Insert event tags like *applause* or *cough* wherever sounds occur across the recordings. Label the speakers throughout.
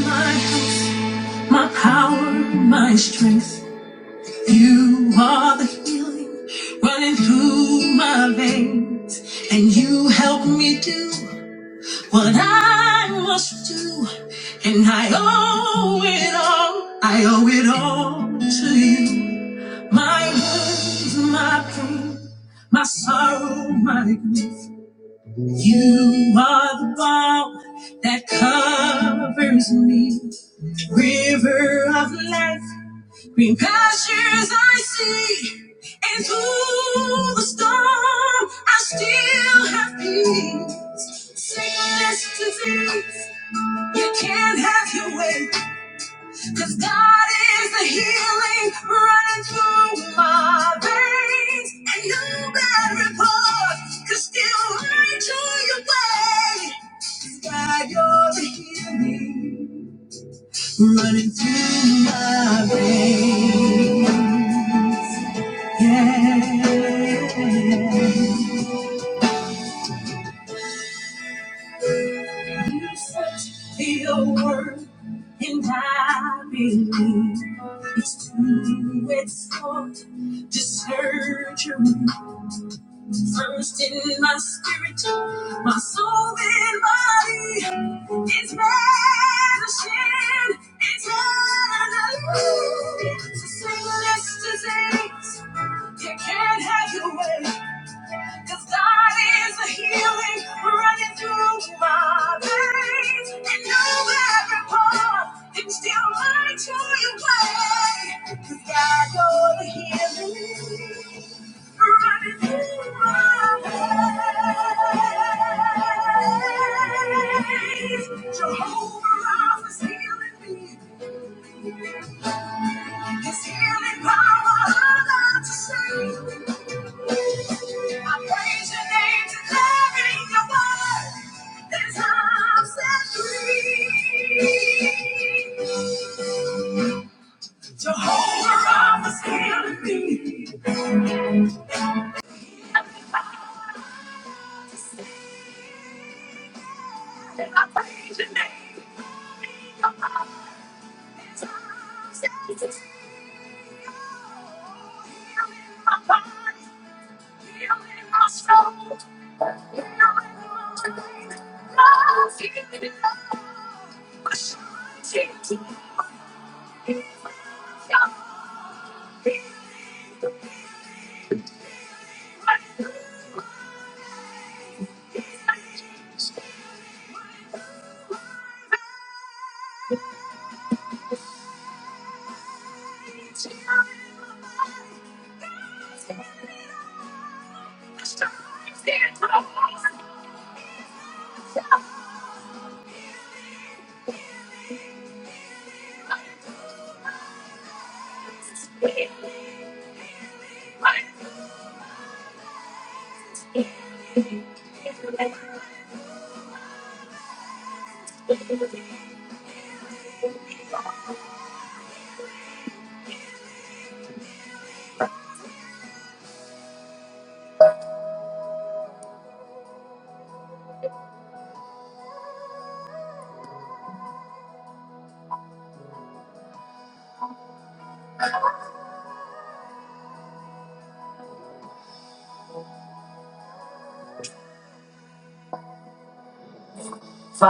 Speaker 1: my house, my power, my strength. You are the healing running through my veins, and you help me do what I must do. And I owe it all, I owe it all to you. My wounds, my pain, my sorrow, my grief. You are the balm that covers me, river of life. Green pastures I see, and through the storm I still have peace. Sickness, disease, you can't have your way, 'cause God is the healing running through my veins. And no bad report could still run to your way. God, you're the healing running through my veins. Yeah. You search your word and I believe it's true, it's hard to search your mind. first in my spirit, my soul and body is vanishing eternally. To say less disease, you can't have your way. Cause God is a healing running through my veins. And now every part can still light to your way. 'Cause God, you're the healing running through my veins. Jehovah Rapha's healing me. His healing power alive to save. I praise your name today. Your word is I'm set free. Jehovah Rapha's healing me.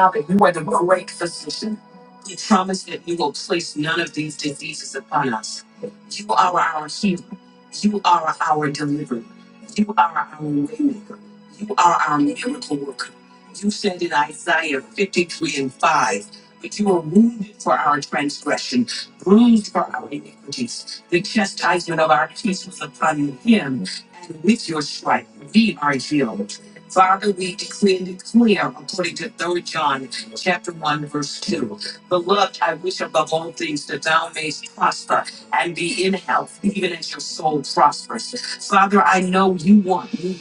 Speaker 1: Father, you are the great physician. You promise that you will place none of these diseases upon us. You are our healer. You are our deliverer. You are our waymaker. You are our miracle worker. You said in Isaiah 53 and 5, but you were wounded for our transgression, bruised for our iniquities. The chastisement of our peace was upon him, and with your stripe we are healed. Father, we declare and declare according to Third John chapter 1, verse 2. Beloved, I wish above all things that thou mayest prosper and be in health, even as your soul prospers. Father, I know you want me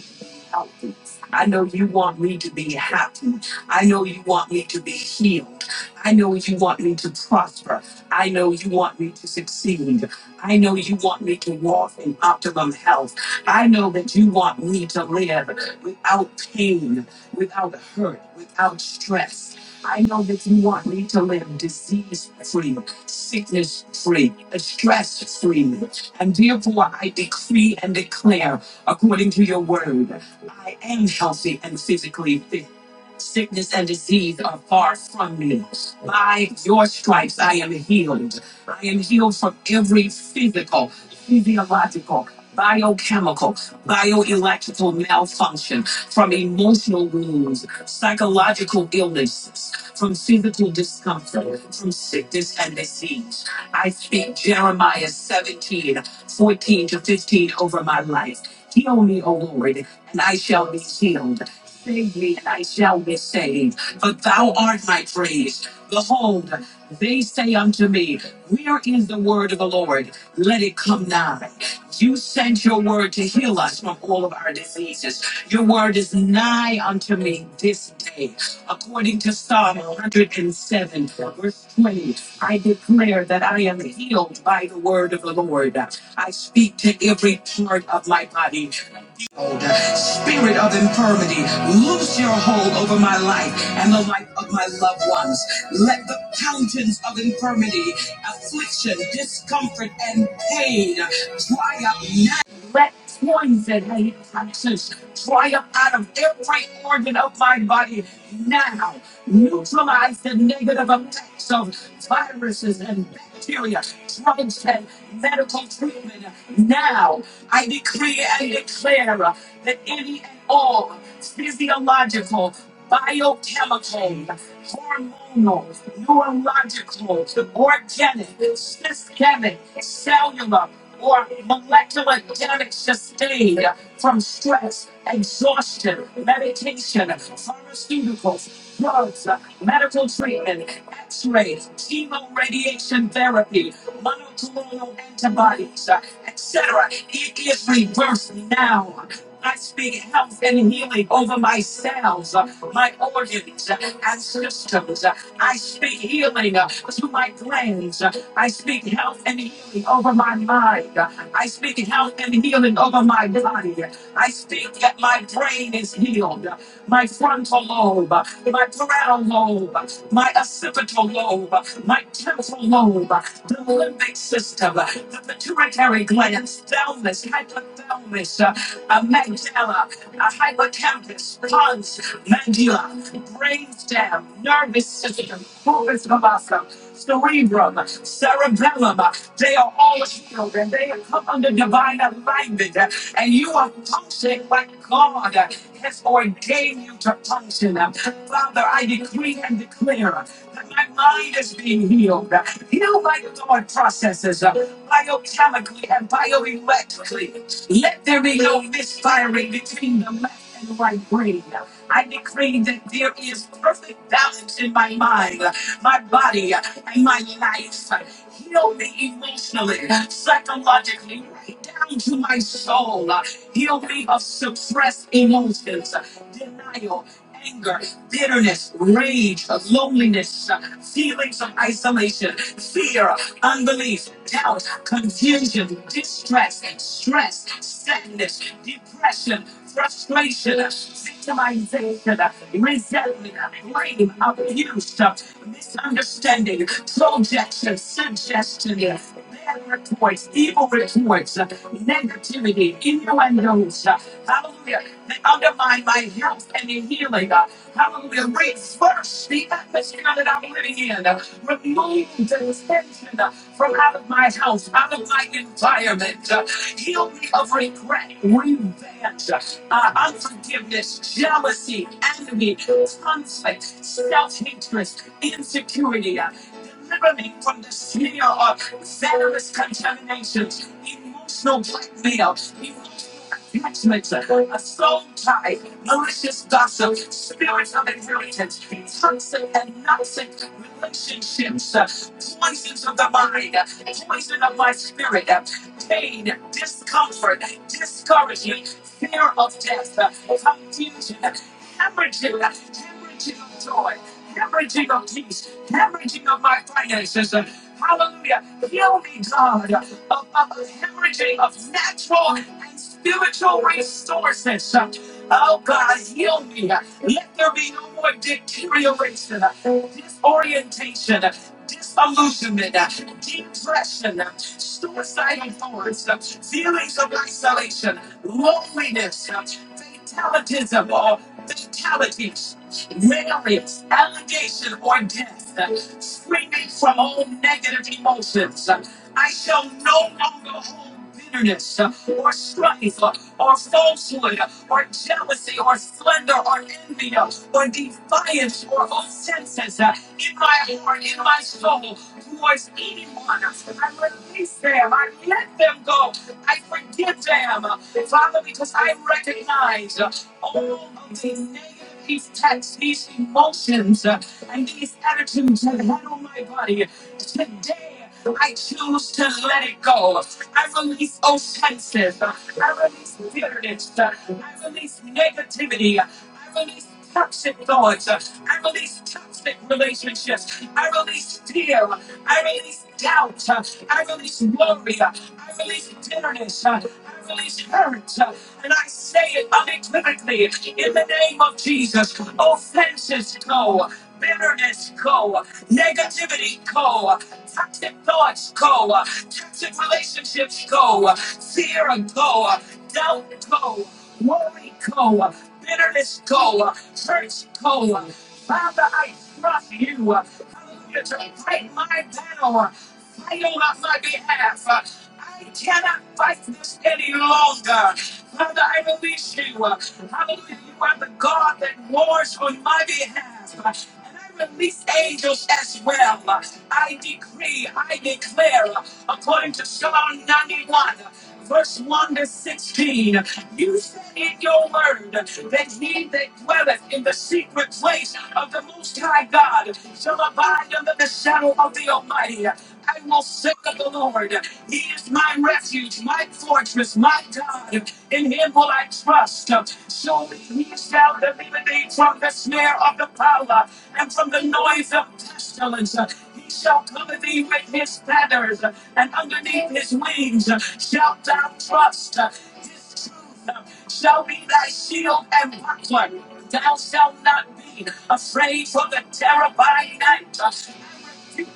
Speaker 1: healthy. I know you want me to be happy. I know you want me to be healed. I know you want me to prosper. I know you want me to succeed. I know you want me to walk in optimum health. I know that you want me to live without pain, without hurt, without stress. I know that you want me to live disease free, sickness free, stress free. And therefore, I decree and declare according to your word. I am healthy and physically fit. Sickness and disease are far from me. By your stripes, I am healed. I am healed from every physical, physiological, biochemical, bioelectrical malfunction, from emotional wounds, psychological illnesses, from physical discomfort, from sickness and disease. I speak Jeremiah 17:14 to 15 over my life. Heal me, O Lord, and I shall be healed. Save me, and I shall be saved. For thou art my praise. Behold, they say unto me, Where is the word of the Lord? Let it come nigh. You sent your word to heal us from all of our diseases. Your word is nigh unto me this day. According to Psalm 107, verse 20, I declare that I am healed by the word of the Lord. I speak to every part of my body Spirit of infirmity, loose your hold over my life and the life of my loved ones. Let the fountains of infirmity, affliction, discomfort, and pain dry up now. Let poison and he touches triumph out of every organ of my body now. Neutralize the negative effects of viruses and bacteria, drugs and medical treatment now. I decree and declare that any and all physiological, biochemical, hormonal, neurological, organic, systemic, cellular, or molecular damage sustained from stress, exhaustion, meditation, pharmaceuticals, drugs, medical treatment, x ray, chemo radiation therapy, monoclonal antibodies, etc. It is reversed now. I speak health and healing over my cells, uh, my organs, uh, and systems. Uh, I speak healing uh, to my glands. Uh, I speak health and healing over my mind. Uh, I speak health and healing over my body. Uh, I speak that my brain is healed. Uh, my frontal lobe, my parietal lobe, my occipital lobe, my temporal lobe, the limbic system, the pituitary glands, thalamus, hypothalamus, uh, uh, amygdala, uh, hippocampus, pons, medulla, brainstem, nervous system, corpus callosum cerebrum, cerebellum. They are all healed and they have come under divine alignment. And you are functioning like God has ordained you to function. Father, I decree and declare that my mind is being healed. Healed by the God processes, biochemically and bioelectrically. Let there be no misfiring between the left and right brain. I decree that there is perfect balance in my mind, my body, and my life. Heal me emotionally, psychologically, right down to my soul. Heal me of suppressed emotions, denial, anger, bitterness, rage, loneliness, feelings of isolation, fear, unbelief, doubt, confusion, distress, stress, sadness, depression, frustration, victimization, resentment, blame, abuse, misunderstanding, projection, suggestion, bias, bad reports, evil reports, uh, negativity, innuendos. uh, Hallelujah. They undermine my health and the healing. uh, Hallelujah. Reverse the atmosphere that I'm living in. uh, Remove the tension uh, from out of my house, out of my environment. uh, Heal me of regret, revenge, uh, uh, unforgiveness, jealousy, envy, conflict, self hatred, insecurity. uh, Deliver me from the snare Venomous contaminations, emotional blackmail, emotional attachment, a soul tie, malicious gossip, spirits of inheritance, toxic and toxic relationships, uh, poisons of the mind, uh, poison of my spirit, uh, pain, discomfort, discouragement, fear of death, uh, confusion, uh, hemorrhaging, uh, hemorrhaging of joy, hemorrhaging of peace, hemorrhaging of my finances, uh, Hallelujah. Heal me, God, of, of hemorrhaging of natural and spiritual resources. Oh, God, heal me. Let there be no more deterioration, disorientation, disillusionment, depression, suicidal thoughts, feelings of isolation, loneliness, fatalities, or fatalities. Various allegation or death, uh, springing from all negative emotions. Uh, I shall no longer hold bitterness uh, or strife uh, or falsehood uh, or jealousy or slander or envy uh, or defiance or offenses uh, in my heart, in my soul, towards anyone. I release them. I let them go. I forgive them. uh, Father, because I recognize uh, all of the negative these texts, these emotions, uh, and these attitudes have handled my body. Today, I choose to let it go. I release offenses. uh, I release bitterness. uh, I release negativity. uh, I release toxic thoughts. uh, I release toxic relationships. I release fear. I release doubt. uh, I release worry. uh, I release bitterness. I hurt, And I say it unequivocally in the name of Jesus. Offenses go, bitterness go, negativity go, toxic thoughts go, toxic relationships go, fear go, doubt go, worry go, bitterness go, hurts go. Father, I trust you. Hallelujah, to break my power. Fire on my behalf. I cannot fight this any longer. Father, I release you. Hallelujah. You are the God that wars on my behalf. And I release angels as well. I decree, I declare, according to Psalm 91 verse 1 to 16. You said in your word that he that dwelleth in the secret place of the Most High God shall abide under the shadow of the Almighty. I will say of the Lord, He is my refuge, my fortress, my God. In Him will I trust. Surely He shall deliver thee from the snare of the power and from the noise of pestilence. He shall cover thee with his feathers, and underneath his wings shalt thou trust. His truth shall be thy shield and buckler. Thou shalt not be afraid for the terror by night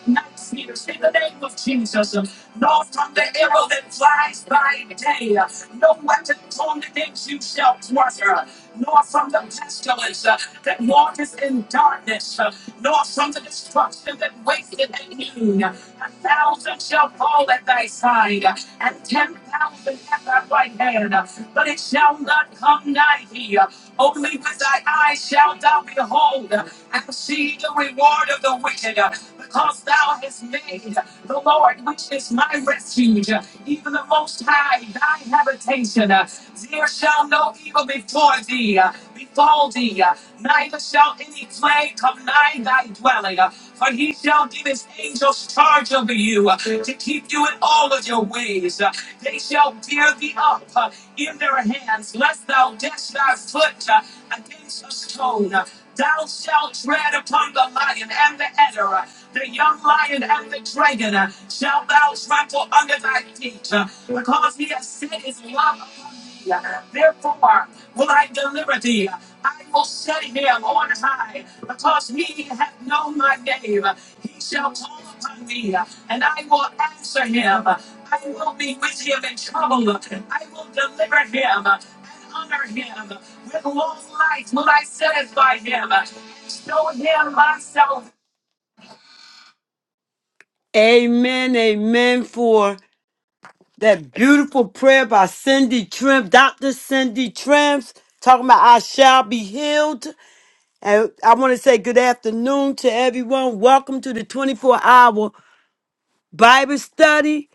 Speaker 1: night, Peter's in the name of Jesus, nor from the arrow that flies by day, no weapon formed against you shall prosper, nor from the pestilence uh, that walketh in darkness, uh, nor from the destruction that wasteth at noon. A thousand shall fall at thy side, uh, and ten thousand at thy right hand, uh, but it shall not come nigh thee. Only with thy eyes shalt thou behold, uh, and see receive the reward of the wicked, uh, because thou hast made the Lord, which is my refuge, uh, even the Most High, thy habitation. uh, There shall no evil before thee, uh, befall thee, uh, neither shall any plague come nigh thy dwelling. uh, For he shall give his angels charge over you uh, to keep you in all of your ways. Uh, They shall bear thee up uh, in their hands, lest thou dash thy foot uh, against a stone. Uh, Thou shalt tread upon the lion and the adder, the young lion and the dragon, uh, shalt thou trample under thy feet, uh, because he has set his love upon thee. Uh, Therefore will I deliver thee. I will set him on high, because he hath known my name. He shall call upon me, uh, and I will answer him. I will be with him in trouble. I will deliver him and honor him. Amen, amen for That beautiful prayer by Cindy Trim, Dr. Cindy Trims, talking about I shall be healed. And I want to say good afternoon to everyone. Welcome to the 24 hour Bible study,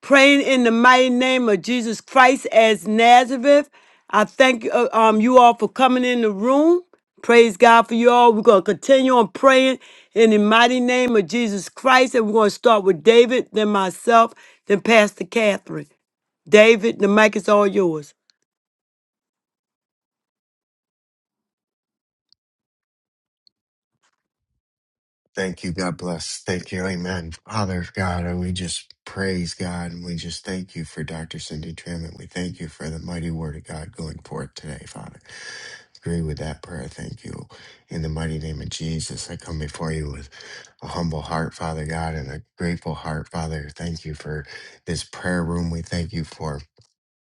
Speaker 1: praying in the mighty name of Jesus Christ as Nazareth. I thank uh, um, you all for coming in the room. Praise God for you all. We're going to continue on praying in the mighty name of Jesus Christ. And we're going to start with David, then myself, then Pastor Catherine. David, the mic is all yours.
Speaker 2: Thank you. God bless. Thank you. Amen. Father God, and we just praise God and we just thank you for Dr. Cindy Trim and we thank you for the mighty word of God going forth today, Father. Agree with that prayer. Thank you. In the mighty name of Jesus, I come before you with a humble heart, Father God, and a grateful heart, Father. Thank you for this prayer room. We thank you for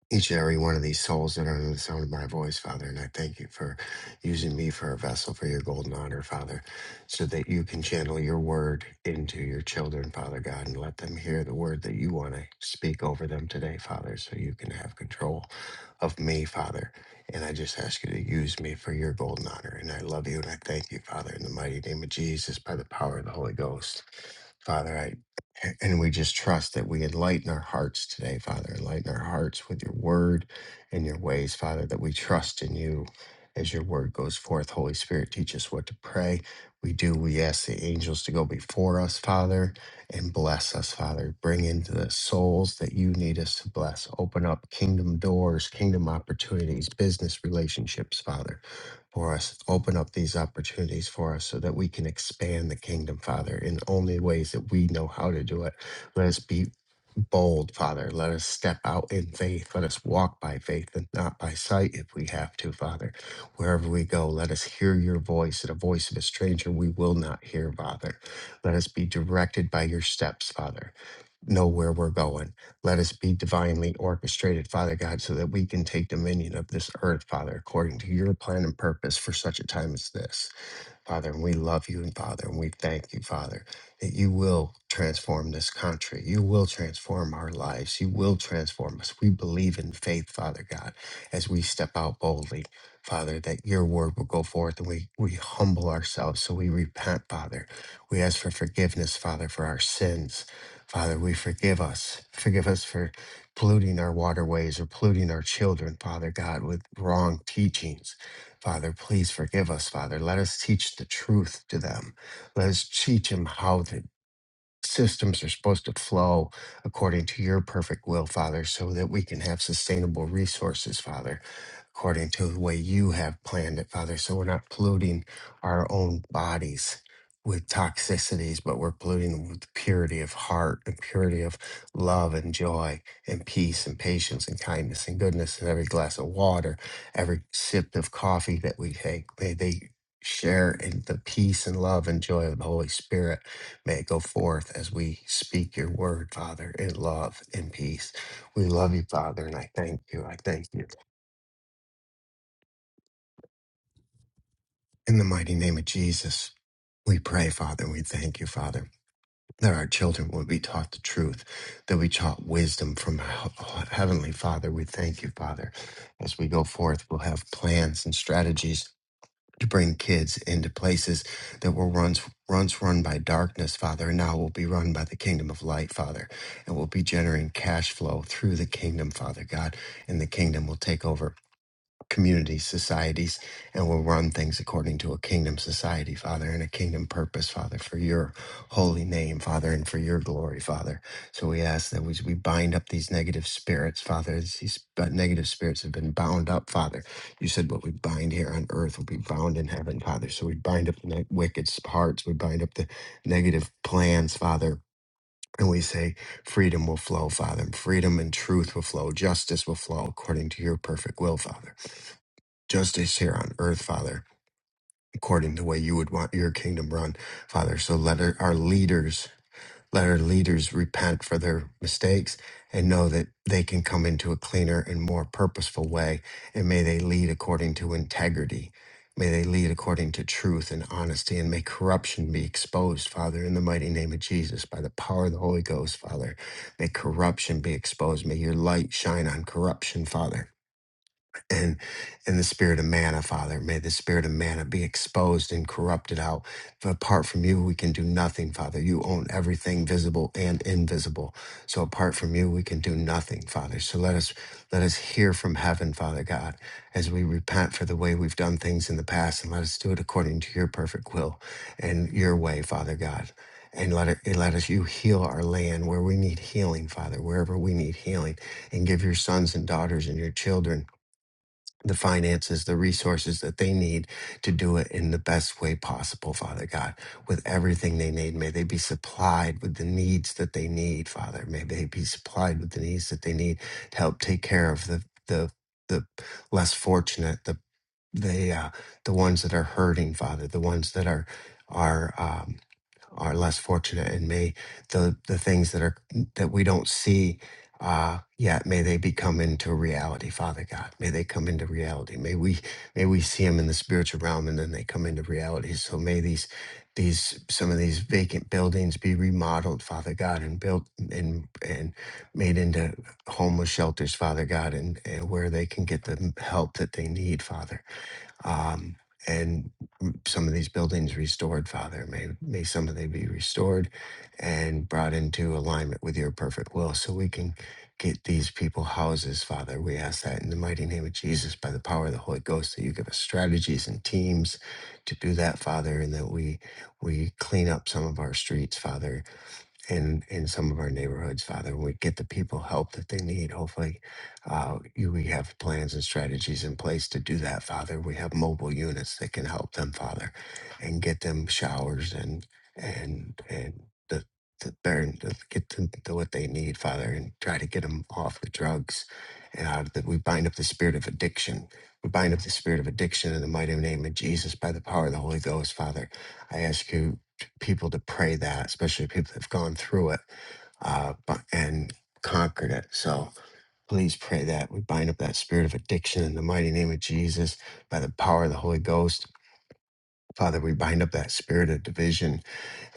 Speaker 2: each and every one of these souls that are under the sound of my voice, Father. And I thank you for using me for a vessel for your golden honor, Father, so that you can channel your word into your children, Father God, and let them hear the word that you want to speak over them today, Father, so you can have control of me, Father. And I just ask you to use me for your golden honor. And I love you and I thank you, Father, in the mighty name of Jesus, by the power of the Holy Ghost. Father, a- And we just trust that we enlighten our hearts today, Father. Enlighten our hearts with your word and your ways, Father, that we trust in you as your word goes forth. Holy Spirit, teach us what to pray. We do. We ask the angels to go before us, Father, and bless us, Father. Bring into the souls that you need us to bless. Open up kingdom doors, kingdom opportunities, business relationships, Father for us. Open up these opportunities for us so that we can expand the kingdom, Father, in only ways that we know how to do it. Let us be bold, Father. Let us step out in faith. Let us walk by faith and not by sight if we have to, Father. Wherever we go, let us hear your voice and a voice of a stranger we will not hear, Father. Let us be directed by your steps, Father know where we're going. Let us be divinely orchestrated, Father God, so that we can take dominion of this earth, Father, according to your plan and purpose for such a time as this. Father, and we love you, and Father, and we thank you, Father, that you will transform this country. You will transform our lives. You will transform us. We believe in faith, Father God, as we step out boldly, Father, that your word will go forth and we, we humble ourselves. So we repent, Father. We ask for forgiveness, Father, for our sins. Father, we forgive us. Forgive us for polluting our waterways or polluting our children, Father God, with wrong teachings. Father, please forgive us, Father. Let us teach the truth to them. Let us teach them how to systems are supposed to flow according to your perfect will, Father, so that we can have sustainable resources, Father, according to the way you have planned it, Father, so we're not polluting our own bodies. With toxicities, but we're polluting them with purity of heart and purity of love and joy and peace and patience and kindness and goodness in every glass of water, every sip of coffee that we take. May they share in the peace and love and joy of the Holy Spirit May it go forth as we speak your word, Father, in love and peace. We love you, Father, and I thank you. I thank you. In the mighty name of Jesus, we pray, Father, and we thank you, Father, that our children will be taught the truth, that we taught wisdom from Heavenly Father. We thank you, Father. As we go forth, we'll have plans and strategies to bring kids into places that were once once run by darkness, Father, and now will be run by the kingdom of light, Father, and will be generating cash flow through the kingdom, Father God, and the kingdom will take over communities, societies, and will run things according to a kingdom society, Father, and a kingdom purpose, Father, for your holy name, Father, and for your glory, Father. So we ask that we, we bind up these negative spirits, Father. as These uh, negative spirits have been bound up, Father. You said what we bind here on earth will be bound in heaven, Father. So we bind up the ne- wicked hearts, we bind up the negative plans, Father. And we say, freedom will flow, Father. and Freedom and truth will flow. Justice will flow according to your perfect will, Father justice here on earth, Father, according to the way you would want your kingdom run, Father. So let our, our leaders, let our leaders repent for their mistakes and know that they can come into a cleaner and more purposeful way. And may they lead according to integrity. May they lead according to truth and honesty, and may corruption be exposed, Father, in the mighty name of Jesus, by the power of the Holy Ghost, Father. May corruption be exposed. May your light shine on corruption, Father and and the spirit of manna, Father. May the spirit of manna be exposed and corrupted out. For apart from you, we can do nothing, Father. You own everything visible and invisible. So apart from you, we can do nothing, Father. So let us let us hear from heaven, Father God, as we repent for the way we've done things in the past, and let us do it according to your perfect will and your way, Father God. And let it and let us you heal our land where we need healing, Father, wherever we need healing, and give your sons and daughters and your children the finances, the resources that they need to do it in the best way possible, Father God, with everything they need. May they be supplied with the needs that they need, Father. May they be supplied with the needs that they need to help take care of the the the less fortunate, the the uh, the ones that are hurting, Father, the ones that are are um, are less fortunate, and may the the things that are that we don't see uh, yet, may they become into reality, Father God. May they come into reality. May we may we see them in the spiritual realm, and then they come into reality. So may these these some of these vacant buildings be remodeled, Father God, and built and and made into homeless shelters, Father God, and, and where they can get the help that they need, Father um, and some of these buildings restored, Father. May, may some of they be restored and brought into alignment with your perfect will so we can get these people houses, Father. We ask that in the mighty name of Jesus, by the power of the Holy Ghost, that you give us strategies and teams to do that, Father, and that we we clean up some of our streets, Father, in in some of our neighborhoods, Father, and we get the people help that they need. Hopefully, uh, you, we have plans and strategies in place to do that, Father. We have mobile units that can help them, Father, and get them showers and and and the the burn the- get them the, what they need, Father, and try to get them off the drugs and out of that. We bind up the spirit of addiction. We bind up the spirit of addiction in the mighty name of Jesus by the power of the Holy Ghost, Father. I ask you people to pray that, especially people that've gone through it uh, bu- and conquered it. So please pray that. We bind up that spirit of addiction in the mighty name of Jesus by the power of the Holy Ghost. Father, we bind up that spirit of division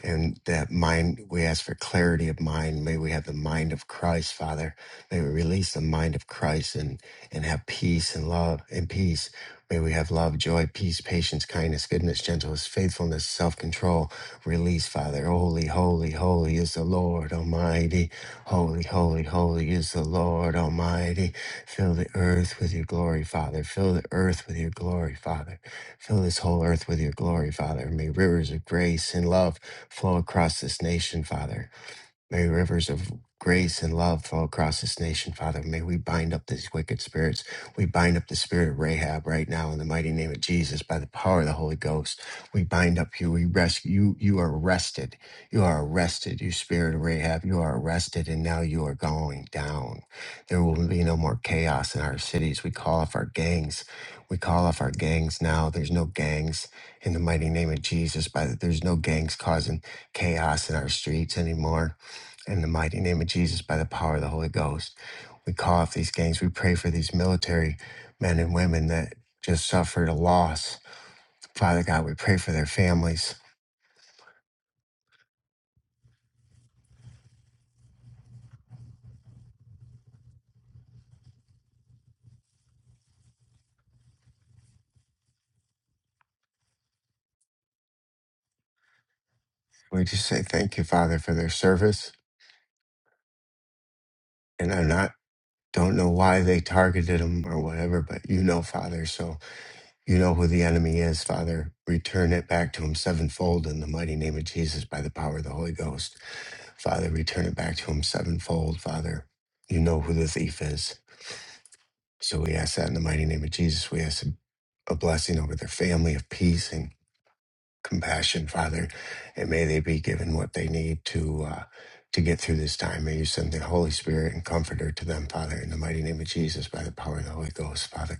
Speaker 2: and that mind we ask for clarity of mind may we have the mind of christ father may we release the mind of christ and and have peace and love and peace may we have love joy peace patience kindness goodness gentleness faithfulness self-control release father holy holy holy is the lord almighty holy holy holy is the lord almighty fill the earth with your glory father fill the earth with your glory father fill this whole earth with your glory father may rivers of grace and love flow across this nation, Father. May rivers of grace and love flow across this nation, Father. May we bind up these wicked spirits. We bind up the spirit of Rahab right now in the mighty name of Jesus by the power of the Holy Ghost. We bind up you. We rescue you. You are arrested. You are arrested. You spirit of Rahab, you are arrested, and now you are going down. There will be no more chaos in our cities. We call off our gangs. We call off our gangs now. There's no gangs in the mighty name of Jesus. By the, there's no gangs causing chaos in our streets anymore. In the mighty name of Jesus, by the power of the Holy Ghost, we call off these gangs. We pray for these military men and women that just suffered a loss. Father God, we pray for their families. We just say thank you, Father, for their service. And I'm not, don't know why they targeted them or whatever, but you know, Father. So you know who the enemy is, Father. Return it back to him sevenfold in the mighty name of Jesus by the power of the Holy Ghost. Father, return it back to him sevenfold, Father. You know who the thief is. So we ask that in the mighty name of Jesus. We ask a blessing over their family of peace and compassion, Father, and may they be given what they need to uh, to get through this time. May you send the Holy Spirit and Comforter to them, Father, in the mighty name of Jesus, by the power of the Holy Ghost, Father.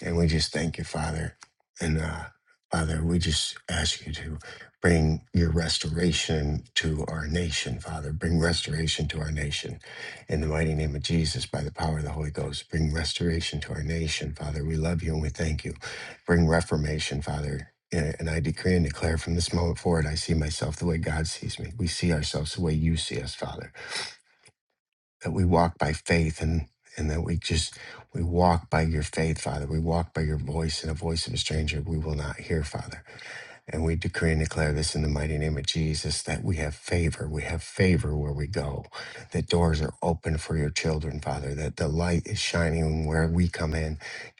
Speaker 2: And we just thank you, Father. And uh, Father, we just ask you to bring your restoration to our nation, Father. Bring restoration to our nation. In the mighty name of Jesus, by the power of the Holy Ghost, bring restoration to our nation, Father. We love you and we thank you. Bring reformation, Father. And and I decree and declare from this moment forward, I see myself the way God sees me. We see ourselves the way you see us, Father that we walk by faith and and that we just we walk by your faith father we walk by your voice and a voice of a stranger we will not hear father and we decree and declare this in the mighty name of Jesus that we have favor. We have favor where we go, that doors are open for your children, Father, that the light is shining where we come in.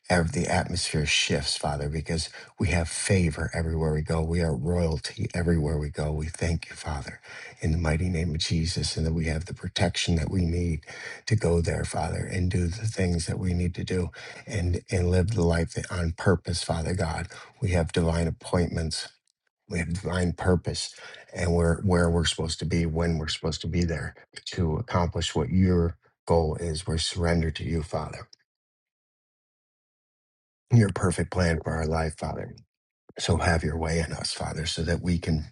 Speaker 2: Ev- The atmosphere shifts, Father, because we have favor everywhere we go. We are royalty everywhere we go. We thank you, Father, in the mighty name of Jesus, and that we have the protection that we need to go there, Father, and do the things that we need to do and, and live the life that on purpose, Father God. We have divine appointments we have divine purpose and we're where we're supposed to be, when we're supposed to be there to accomplish what your goal is. We're surrendered to you, Father, your perfect plan for our life, Father. So have your way in us, Father, so that we can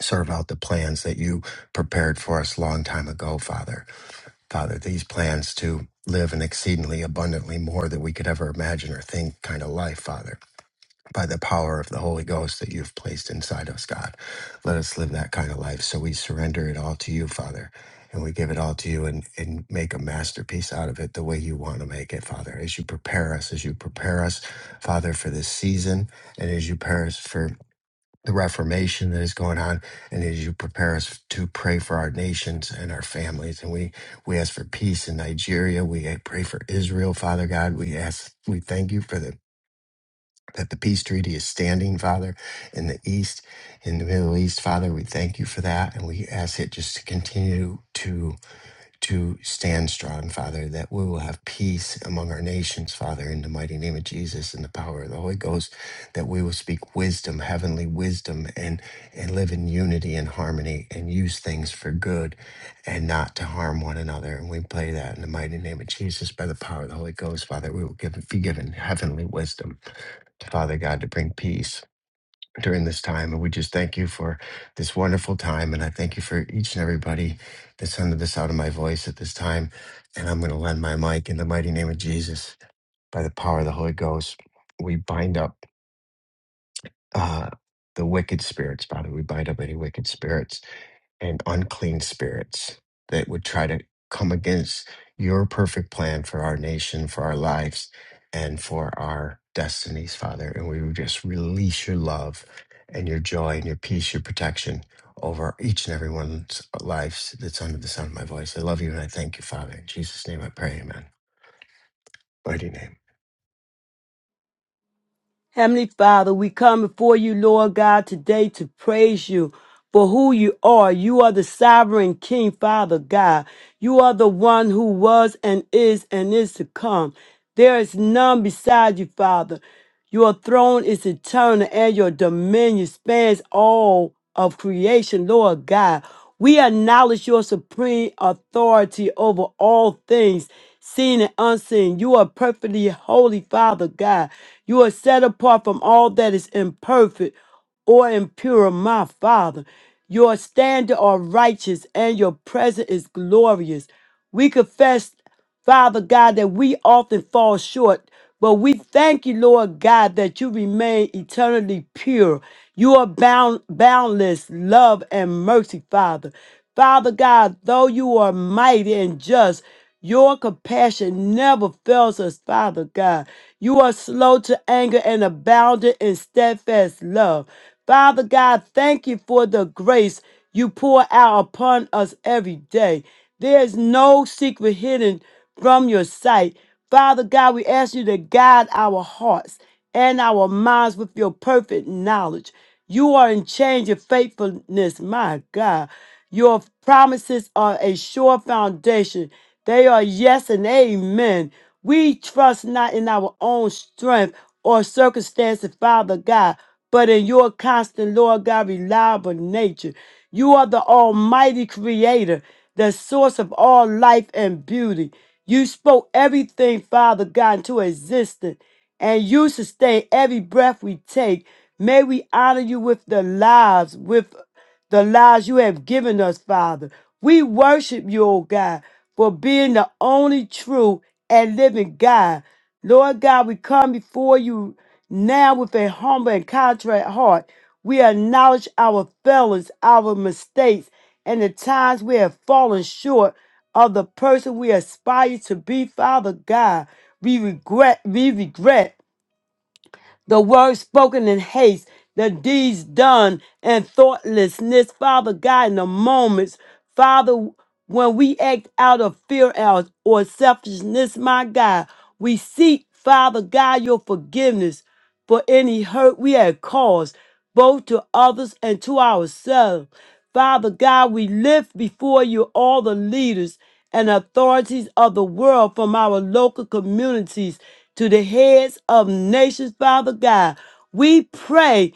Speaker 2: serve out the plans that you prepared for us a long time ago, Father. Father, these plans to live an exceedingly abundantly more than we could ever imagine or think kind of life, Father. by the power of the Holy Ghost that you've placed inside us, God. Let us live that kind of life. So we surrender it all to you, Father, and we give it all to you and, and make a masterpiece out of it the way you want to make it, Father, as you prepare us, as you prepare us, Father, for this season, and as you prepare us for the reformation that is going on, and as you prepare us to pray for our nations and our families. And we we ask for peace in Nigeria. We pray for Israel, Father God. We ask, we thank you for the that the peace treaty is standing, Father, in the East, in the Middle East, Father. We thank you for that. And we ask it just to continue to to stand strong, Father, that we will have peace among our nations, Father, in the mighty name of Jesus and the power of the Holy Ghost, that we will speak wisdom, heavenly wisdom, and, and live in unity and harmony and use things for good and not to harm one another. And we pray that in the mighty name of Jesus, by the power of the Holy Ghost, Father, we will give, be given heavenly wisdom Father God to bring peace during this time. And we just thank you for this wonderful time. And I thank you for each and everybody that's under the sound of my voice at this time. And I'm going to lend my mic in the mighty name of Jesus by the power of the Holy Ghost. We bind up uh, the wicked spirits, Father. We bind up any wicked spirits and unclean spirits that would try to come against your perfect plan for our nation, for our lives, and for our destinies, Father. And we would just release your love and your joy and your peace, your protection over each and every one's lives that's under the sound of my voice. I love you and I thank you, Father. In Jesus' name I pray, amen. Mighty name.
Speaker 1: Heavenly Father, we come before you, Lord God, today to praise you for who you are. You are the sovereign King, Father God. You are the one who was and is and is to come. There is none beside you, Father. Your throne is eternal and your dominion spans all of creation, Lord God. We acknowledge your supreme authority over all things, seen and unseen. You are perfectly holy, Father God. You are set apart from all that is imperfect or impure, my Father. Your standard are righteous and your presence is glorious. We confess. Father God, that we often fall short. But we thank you, Lord God, that you remain eternally pure. You are bound, boundless love and mercy, Father. Father God, though you are mighty and just, your compassion never fails us, Father God. You are slow to anger and abounding in steadfast love. Father God, thank you for the grace you pour out upon us every day. There is no secret hidden from your sight. Father God, we ask you to guide our hearts and our minds with your perfect knowledge. You are in change of faithfulness, my God. Your promises are a sure foundation. They are yes and amen. We trust not in our own strength or circumstances, Father God, but in your constant, Lord God, reliable nature. You are the almighty creator, the source of all life and beauty. You spoke everything, Father God, into existence, and you sustain every breath we take. May we honor you with the lives, with the lives you have given us, Father. We worship you, O God, for being the only true and living God. Lord God, we come before you now with a humble and contrite heart. We acknowledge our failings, our mistakes, and the times we have fallen short of the person we aspire to be, Father God. We regret, we regret the word spoken in haste, the deeds done in thoughtlessness. Father God, in the moments, Father, when we act out of fear or or selfishness, my God, we seek, Father God, your forgiveness for any hurt we have caused, both to others and to ourselves. Father God, we lift before you all the leaders and authorities of the world from our local communities to the heads of nations, Father God. We pray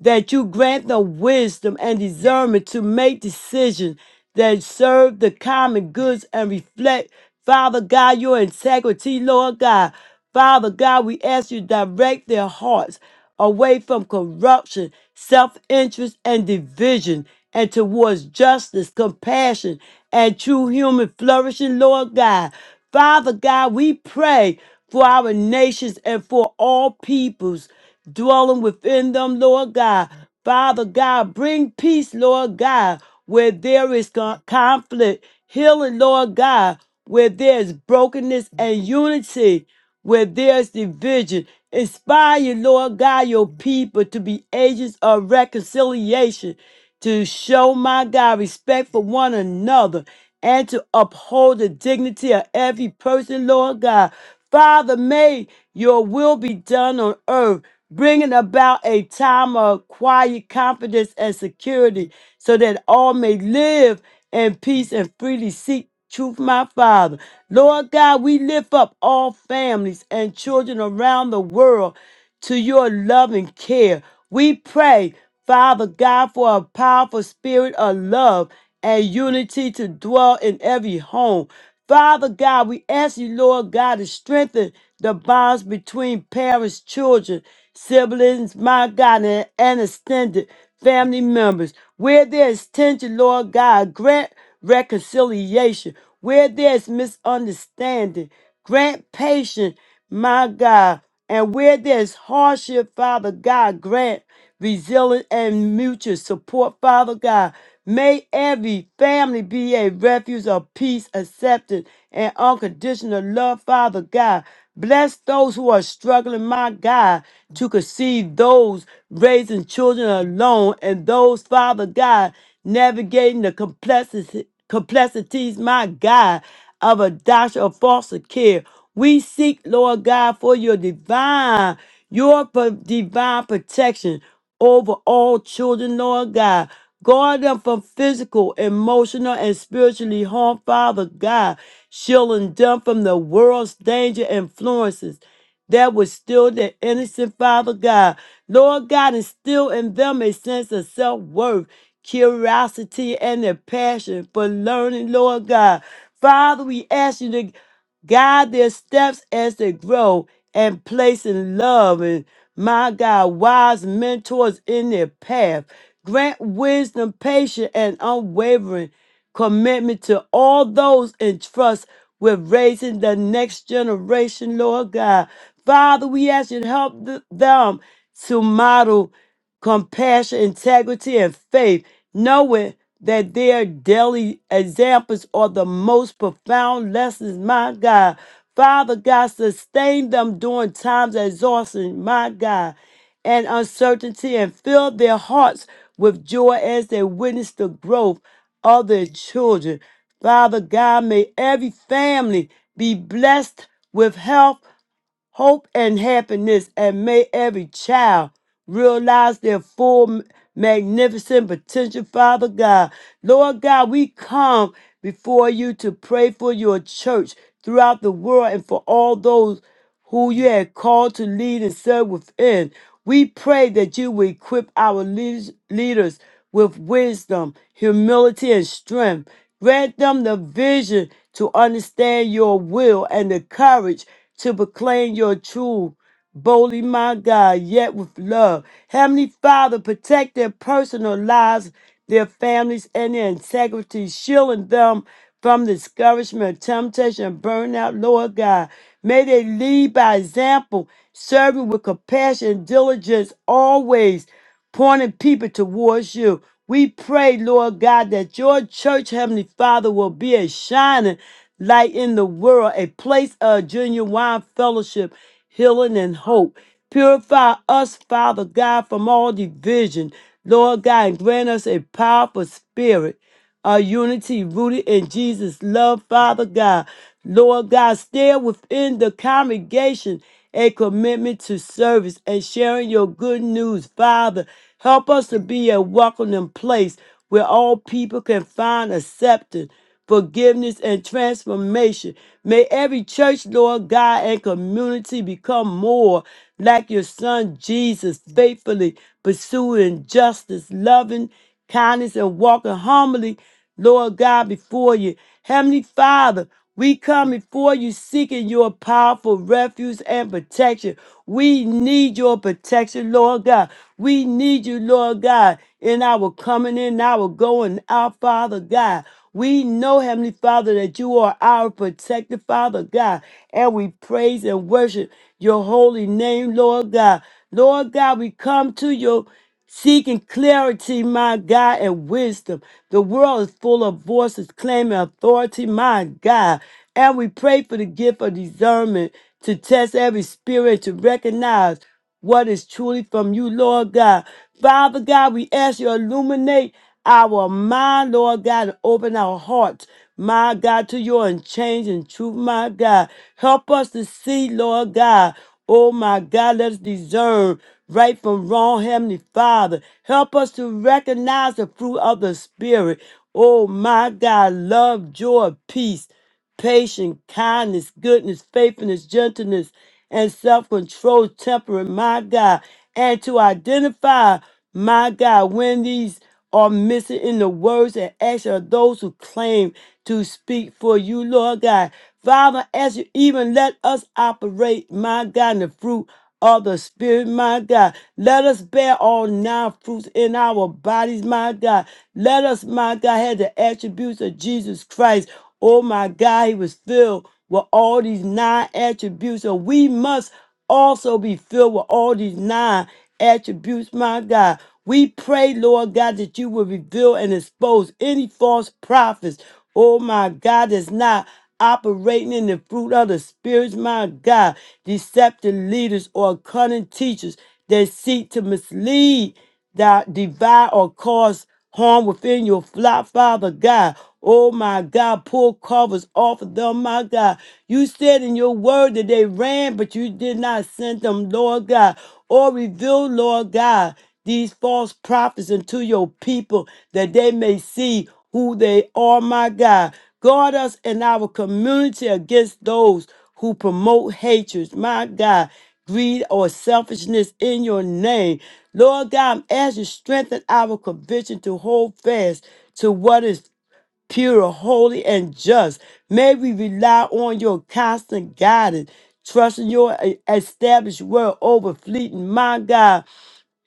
Speaker 1: that you grant them wisdom and discernment to make decisions that serve the common goods and reflect, Father God, your integrity, Lord God. Father God, we ask you to direct their hearts away from corruption, self interest, and division, and towards justice, compassion, and true human flourishing, Lord God. Father God, we pray for our nations and for all peoples dwelling within them, Lord God. Father God, bring peace, Lord God, where there is con- conflict, healing, Lord God, where there is brokenness and unity, where there's division. Inspire, Lord God, your people to be agents of reconciliation, to show, my God, respect for one another and to uphold the dignity of every person, Lord God. Father, may your will be done on earth, bringing about a time of quiet confidence and security so that all may live in peace and freely seek truth, my Father. Lord God, we lift up all families and children around the world to your loving care. We pray, Father God, for a powerful spirit of love and unity to dwell in every home. Father God, we ask you, Lord God, to strengthen the bonds between parents, children, siblings, my God, and, and extended family members. Where there is tension, Lord God, grant reconciliation. Where there is misunderstanding, grant patience, my God. And where there's hardship, Father God, grant resilience and mutual support, Father God. May every family be a refuge of peace, acceptance, and unconditional love, Father God. Bless those who are struggling, my God, to conceive those raising children alone and those, Father God, navigating the complexity, complexities, my God, of adoption or foster care we seek, Lord God, for your divine, your pro- divine protection over all children, Lord God. Guard them from physical, emotional, and spiritually harm, Father God, shielding them from the world's danger influences that would still their innocent Father God. Lord God, instill in them a sense of self worth, curiosity, and a passion for learning, Lord God. Father, we ask you to guide their steps as they grow, and place in love and my God, wise mentors in their path. Grant wisdom, patience, and unwavering commitment to all those in trust with raising the next generation, Lord God. Father, we ask you to help th- them to model compassion, integrity, and faith, knowing that their daily examples are the most profound lessons, my God. Father God, sustain them during times of exhaustion, my God, and uncertainty, and fill their hearts with joy as they witness the growth of their children. Father God, may every family be blessed with health hope, and happiness, and may every child realize their full magnificent potential, Father God. Lord God, we come before you to pray for your church throughout the world and for all those who you have called to lead and serve within. We pray that you will equip our leaders leaders with wisdom, humility, and strength Grant them the vision to understand your will and the courage to proclaim your truth boldly, my God, yet with love. Heavenly Father, protect their personal lives, their families, and their integrity, shielding them from discouragement, temptation, and burnout, Lord God. May they lead by example, serving with compassion and diligence always pointing people towards you. We pray, Lord God, that your church, Heavenly Father, will be a shining light in the world, a place of genuine fellowship, healing, and hope. Purify us, Father God, from all division, Lord God, and grant us a powerful spirit our unity rooted in Jesus' love, Father God. Lord God, still within the congregation a commitment to service and sharing your good news, Father. Help us to be a welcoming place where all people can find acceptance forgiveness, and transformation. May every church, Lord God, and community become more like your son Jesus, faithfully pursuing justice, loving kindness, and walking humbly, Lord God, before you. Heavenly Father, we come before you seeking your powerful refuge and protection. We need your protection, Lord God. We need you, Lord God, in our coming in, our going out, Father God. We know, Heavenly Father, that you are our protector, Father God, and we praise and worship your holy name, Lord God. Lord God, we come to you seeking clarity, my God, and wisdom. The world is full of voices claiming authority, my God. And we pray for the gift of discernment to test every spirit, to recognize what is truly from you, Lord God. Father God, we ask you to illuminate our mind, Lord God, and open our hearts, my God, to your unchanging truth, my God. Help us to see, Lord God. Oh, my God, let us discern right from wrong, Heavenly Father. Help us to recognize the fruit of the Spirit. Oh, my God, love, joy, peace patience, kindness, goodness, faithfulness, gentleness, and self control, temperance, my God, and to identify, my God, when these are missing in the words and action of those who claim to speak for you, Lord God. Father, as you even let us operate, my God, in the fruit of the Spirit, my God. Let us bear all nine fruits in our bodies, my God. Let us, my God, have the attributes of Jesus Christ. Oh, my God, he was filled with all these nine attributes. So we must also be filled with all these nine attributes, my God. We pray, Lord God, that you will reveal and expose any false prophets. Oh, my God, that's not operating in the fruit of the spirits, my God, deceptive leaders or cunning teachers that seek to mislead, that divide or cause harm within your flock, Father God. Oh my God, pull covers off of them, my God. You said in your word that they ran, but you did not send them, Lord God, or reveal, Lord God, these false prophets unto your people that they may see who they are, my God. Guard us and our community against those who promote hatred, my God, greed or selfishness in your name. Lord God, as you strengthen our conviction to hold fast to what is pure, holy, and just, may we rely on your constant guidance, trusting your e- established word over fleeting, my God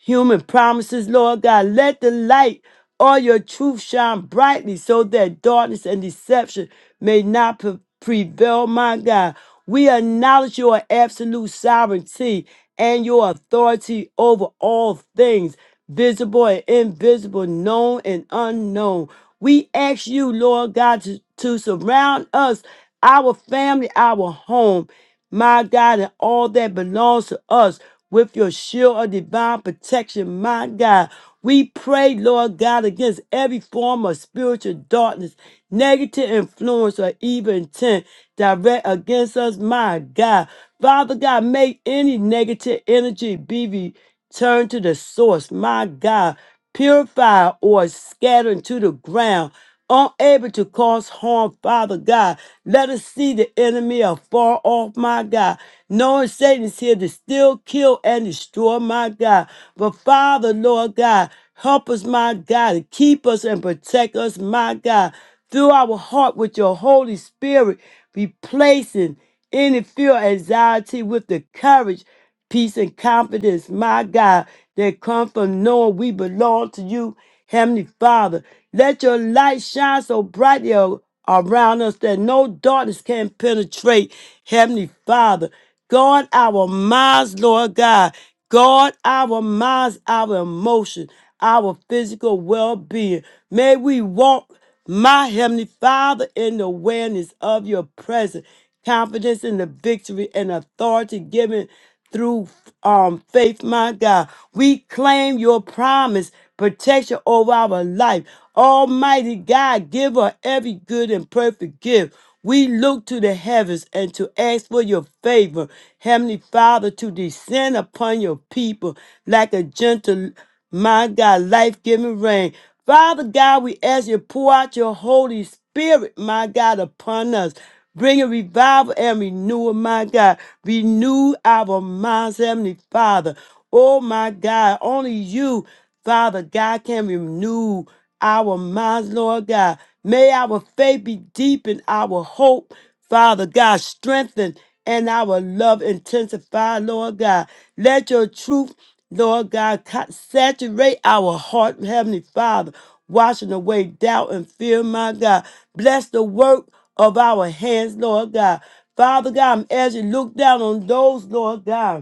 Speaker 1: human promises, Lord God. Let the light of your truth shine brightly so that darkness and deception may not pre- prevail, my God. We acknowledge your absolute sovereignty and your authority over all things, visible and invisible, known and unknown. We ask you, Lord God, to, to surround us, our family, our home my God, and all that belongs to us with your shield of divine protection, my God. We pray, Lord God, against every form of spiritual darkness, negative influence, or evil intent direct against us, my God. Father God, make any negative energy be returned to the source, my God. Purify or scatter to the ground unable to cause harm, Father God. Let us see the enemy afar off, my God, knowing Satan is here to still kill and destroy, my God. But Father, Lord God, help us, my God, to keep us and protect us, my God, through our heart with your Holy Spirit, replacing any fear, anxiety with the courage peace and confidence, my God, that come from knowing we belong to you, Heavenly Father. Let your light shine so brightly a- around us that no darkness can penetrate, Heavenly Father. Guard our minds, Lord God. Guard our minds, our emotions, our physical well being. May we walk. My Heavenly Father, in the awareness of your presence, confidence in the victory and authority given through um, faith, my God, we claim your promise, protection over our life. Almighty God, give her every good and perfect gift. We look to the heavens and to ask for your favor, Heavenly Father, to descend upon your people like a gentle, my God, life giving rain. Father God, we ask you to pour out your Holy Spirit, my God, upon us. Bring a revival and renewal, my God. Renew our minds, Heavenly Father. Oh my God, only you, Father God, can renew our minds, Lord God. May our faith be deep and our hope, Father God, strengthened and our love intensified, Lord God. Let your truth, Lord God, co- saturate our heart, Heavenly Father, washing away doubt and fear, my God. Bless the work of our hands, Lord God. Father God, as you look down on those, Lord God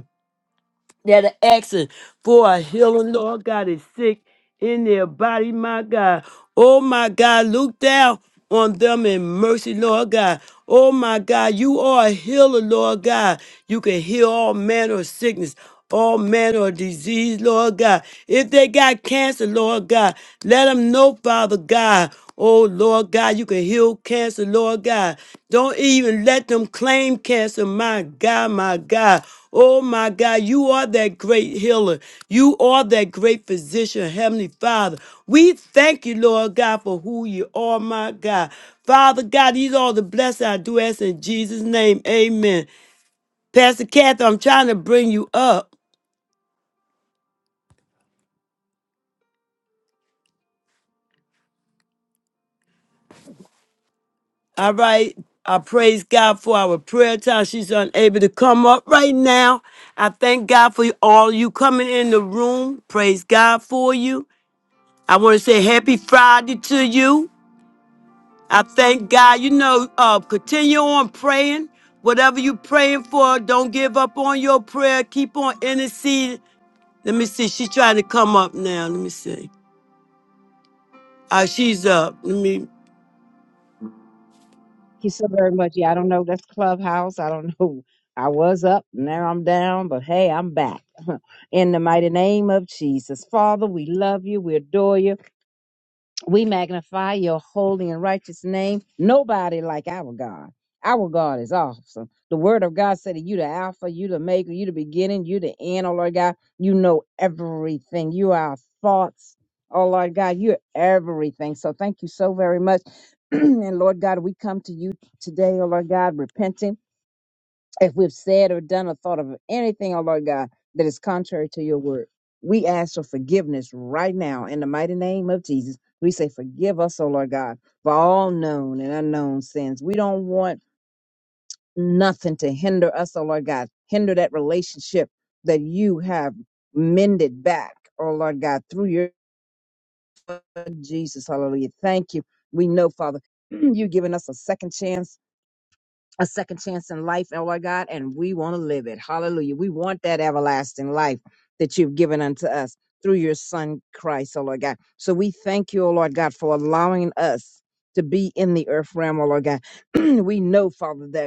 Speaker 1: that are asking for a healing, Lord God, is sick in their body, my God. Oh, my God, look down on them in mercy, Lord God. Oh, my God, you are a healer, Lord God. You can heal all manner of sickness. All manner of disease, Lord God. If they got cancer, Lord God, let them know, Father God, Oh Lord God, you can heal cancer, Lord God. Don't even let them claim cancer, my God, my God. Oh my God, you are that great healer. You are that great physician, Heavenly Father. We thank you, Lord God, for who you are, my God. Father God, these are the blessings I do ask in Jesus' name. Amen. Pastor Kathy, I'm trying to bring you up. All right. I praise God for our prayer time. She's unable to come up right now. I thank God for all you coming in the room. Praise God for you. I want to say happy Friday to you. I thank God. You know, uh, continue on praying. Whatever you praying for, don't give up on your prayer. Keep on interceding. Let me see. She's trying to come up now. Let me see. Uh, she's up. Let me.
Speaker 3: Thank you so very much. Yeah, I don't know. That's Clubhouse. I don't *laughs* know. I was up, now I'm down, but hey, I'm back. *laughs* In the mighty name of Jesus. Father, we love you. We adore you. We magnify your holy and righteous name. Nobody like our God. Our God is awesome. The word of God said that you the Alpha, you the maker, you the beginning, you the end, oh Lord God. You know everything. You are our thoughts. Oh Lord God, you're everything. So thank you so very much. *clears throat* and Lord God, we come to you today, oh Lord God, repenting if we've said or done or thought of anything, oh Lord God, that is contrary to your word. We ask for forgiveness right now in the mighty name of Jesus. We say, Forgive us, oh Lord God, for all known and unknown sins. We don't want nothing to hinder us, oh Lord God, hinder that relationship that you have mended back, oh Lord God, through your Jesus. Hallelujah. Thank you. We know, Father, *clears throat* you've given us a second chance a second chance in life, oh Lord God, and we want to live it. Hallelujah. We want that everlasting life that you've given unto us through your Son Christ, oh Lord God. So we thank you, oh Lord God, for allowing us to be in the earth realm, oh Lord God. *clears throat* we know, Father, that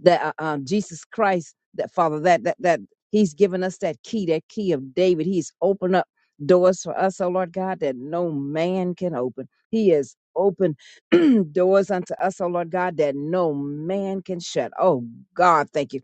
Speaker 3: that uh, um, Jesus Christ, that Father, that that that He's given us that key, that key of David. He's opened up doors for us, oh Lord God, that no man can open. He has opened *clears throat* doors unto us, oh Lord God, that no man can shut. Oh God, thank you.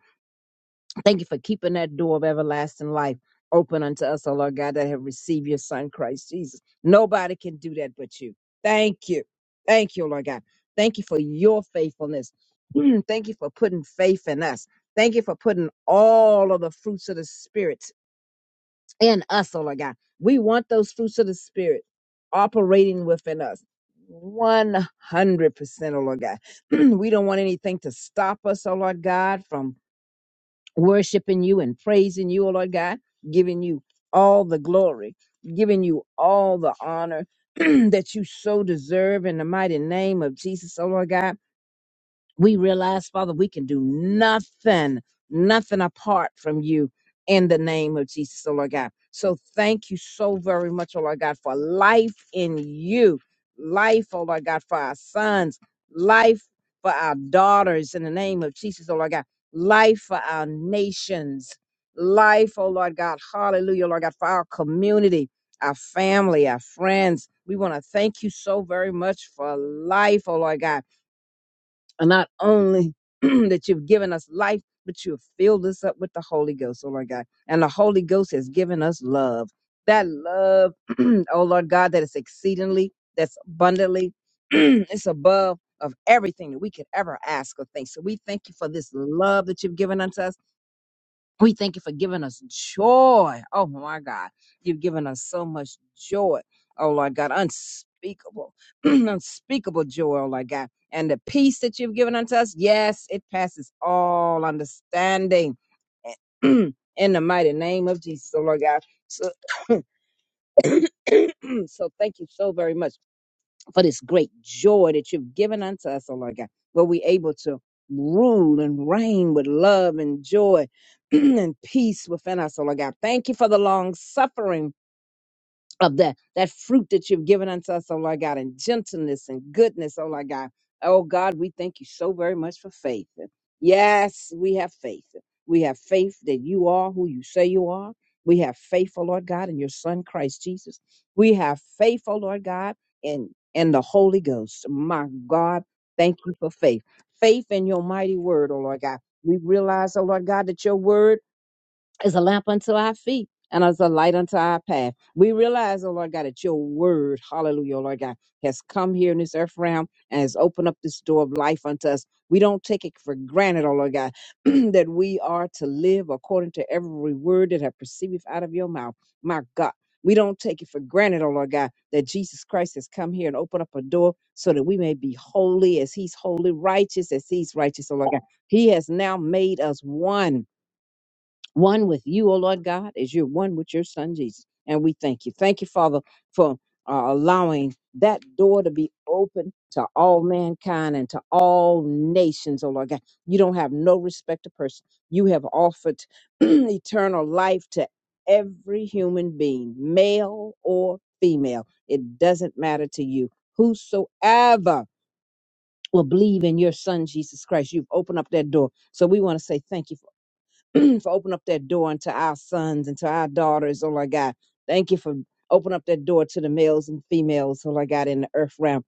Speaker 3: Thank you for keeping that door of everlasting life open unto us, O Lord God, that have received your Son, Christ Jesus. Nobody can do that but you. Thank you. Thank you, Lord God. Thank you for your faithfulness. Mm, Thank you for putting faith in us. Thank you for putting all of the fruits of the Spirit in us, O Lord God. We want those fruits of the Spirit operating within us. 100%, O Lord God. *clears throat* we don't want anything to stop us, O Lord God, from worshiping you and praising you, O Lord God, giving you all the glory, giving you all the honor *clears throat* that you so deserve in the mighty name of Jesus, O Lord God we realize, Father, we can do nothing, nothing apart from you in the name of Jesus, oh Lord God. So thank you so very much, oh Lord God, for life in you, life, oh Lord God, for our sons, life for our daughters in the name of Jesus, oh Lord God, life for our nations, life, oh Lord God, hallelujah, Lord God, for our community. Our family, our friends, we want to thank you so very much for life, oh Lord God and not only *clears throat* that you've given us life, but you have filled us up with the Holy Ghost, oh Lord God. And the Holy Ghost has given us love. That love, *clears throat* oh Lord God, that is exceedingly, that's abundantly, *clears throat* it's above of everything that we could ever ask or think. So we thank you for this love that you've given unto us. We thank you for giving us joy. Oh my God. You've given us so much joy. Oh Lord God, unspeakable, *clears throat* unspeakable joy, oh Lord God. And the peace that you've given unto us, yes, it passes all understanding. *clears throat* In the mighty name of Jesus, oh Lord God. So, *clears throat* so thank you so very much for this great joy that you've given unto us, oh Lord God, where we're able to rule and reign with love and joy *clears throat* and peace within us, oh Lord God. Thank you for the long suffering of that that fruit that you've given unto us, oh Lord God, and gentleness and goodness, oh Lord God. Oh God, we thank you so very much for faith. Yes, we have faith. We have faith that you are who you say you are. We have faith, oh Lord God, in your Son Christ Jesus. We have faith, oh Lord God, in in the Holy Ghost. My God, thank you for faith. Faith in your mighty word, oh Lord God. We realize, oh Lord God, that your word is a lamp unto our feet and as a light unto our path. We realize, oh Lord God, that your word, hallelujah, oh Lord God, has come here in this earth realm and has opened up this door of life unto us. We don't take it for granted, oh Lord God, *clears throat* that we are to live according to every word that I proceeded out of your mouth. My God. We don't take it for granted, oh Lord God, that Jesus Christ has come here and opened up a door so that we may be holy as he's holy, righteous as he's righteous, oh Lord God. He has now made us one one with you, O Lord God, as you're one with your son Jesus. And we thank you. Thank you, Father, for uh, allowing that door to be open to all mankind and to all nations, O Lord God. You don't have no respect to person. You have offered *clears throat* eternal life to every human being, male or female. It doesn't matter to you. Whosoever will believe in your son Jesus Christ, you've opened up that door. So we want to say thank you *clears throat* for opening up that door unto our sons and to our daughters, oh Lord God. Thank you for opening up that door to the males and females, oh Lord God, in the earth realm.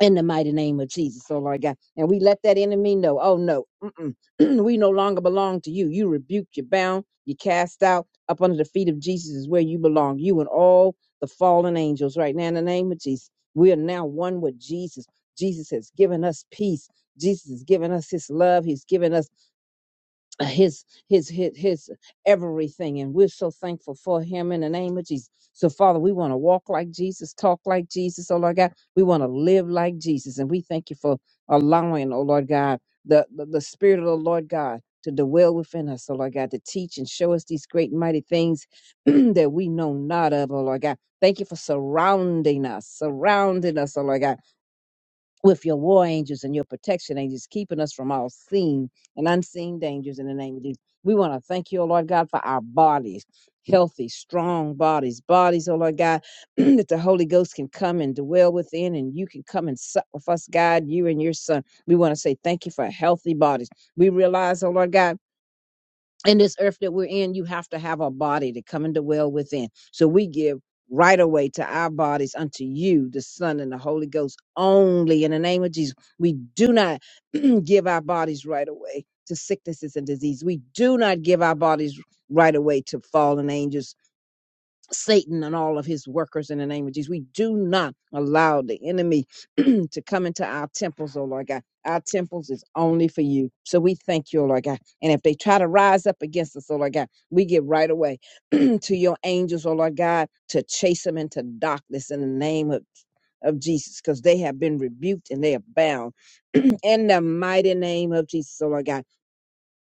Speaker 3: In the mighty name of Jesus, oh Lord God. And we let that enemy know, oh no, mm-mm, *clears throat* we no longer belong to you. You rebuked, you bound, you cast out. Up under the feet of Jesus is where you belong. You and all the fallen angels right now in the name of Jesus. We are now one with Jesus. Jesus has given us peace. Jesus has given us his love. He's given us uh, his his his his everything and we're so thankful for him in the name of jesus so father we want to walk like jesus talk like jesus oh lord god we want to live like jesus and we thank you for allowing oh lord god the, the the spirit of the lord god to dwell within us oh lord god to teach and show us these great and mighty things *clears throat* that we know not of oh lord god thank you for surrounding us surrounding us oh lord god with your war angels and your protection angels, keeping us from all seen and unseen dangers in the name of Jesus. We want to thank you, O Lord God, for our bodies, healthy, strong bodies, bodies, O Lord God, *clears throat* that the Holy Ghost can come and dwell within and you can come and sup with us, God, you and your son. We want to say thank you for healthy bodies. We realize, O Lord God, in this earth that we're in, you have to have a body to come and dwell within. So we give right away to our bodies unto you, the Son and the Holy Ghost only in the name of Jesus. We do not *clears throat* give our bodies right away to sicknesses and disease. We do not give our bodies right away to fallen angels Satan and all of his workers in the name of Jesus. We do not allow the enemy *clears throat* to come into our temples, oh Lord God. Our temples is only for you. So we thank you, oh Lord God. And if they try to rise up against us, oh Lord God, we get right away *clears throat* to your angels, oh Lord God, to chase them into darkness in the name of, of Jesus, because they have been rebuked and they are bound *clears throat* in the mighty name of Jesus, oh Lord God.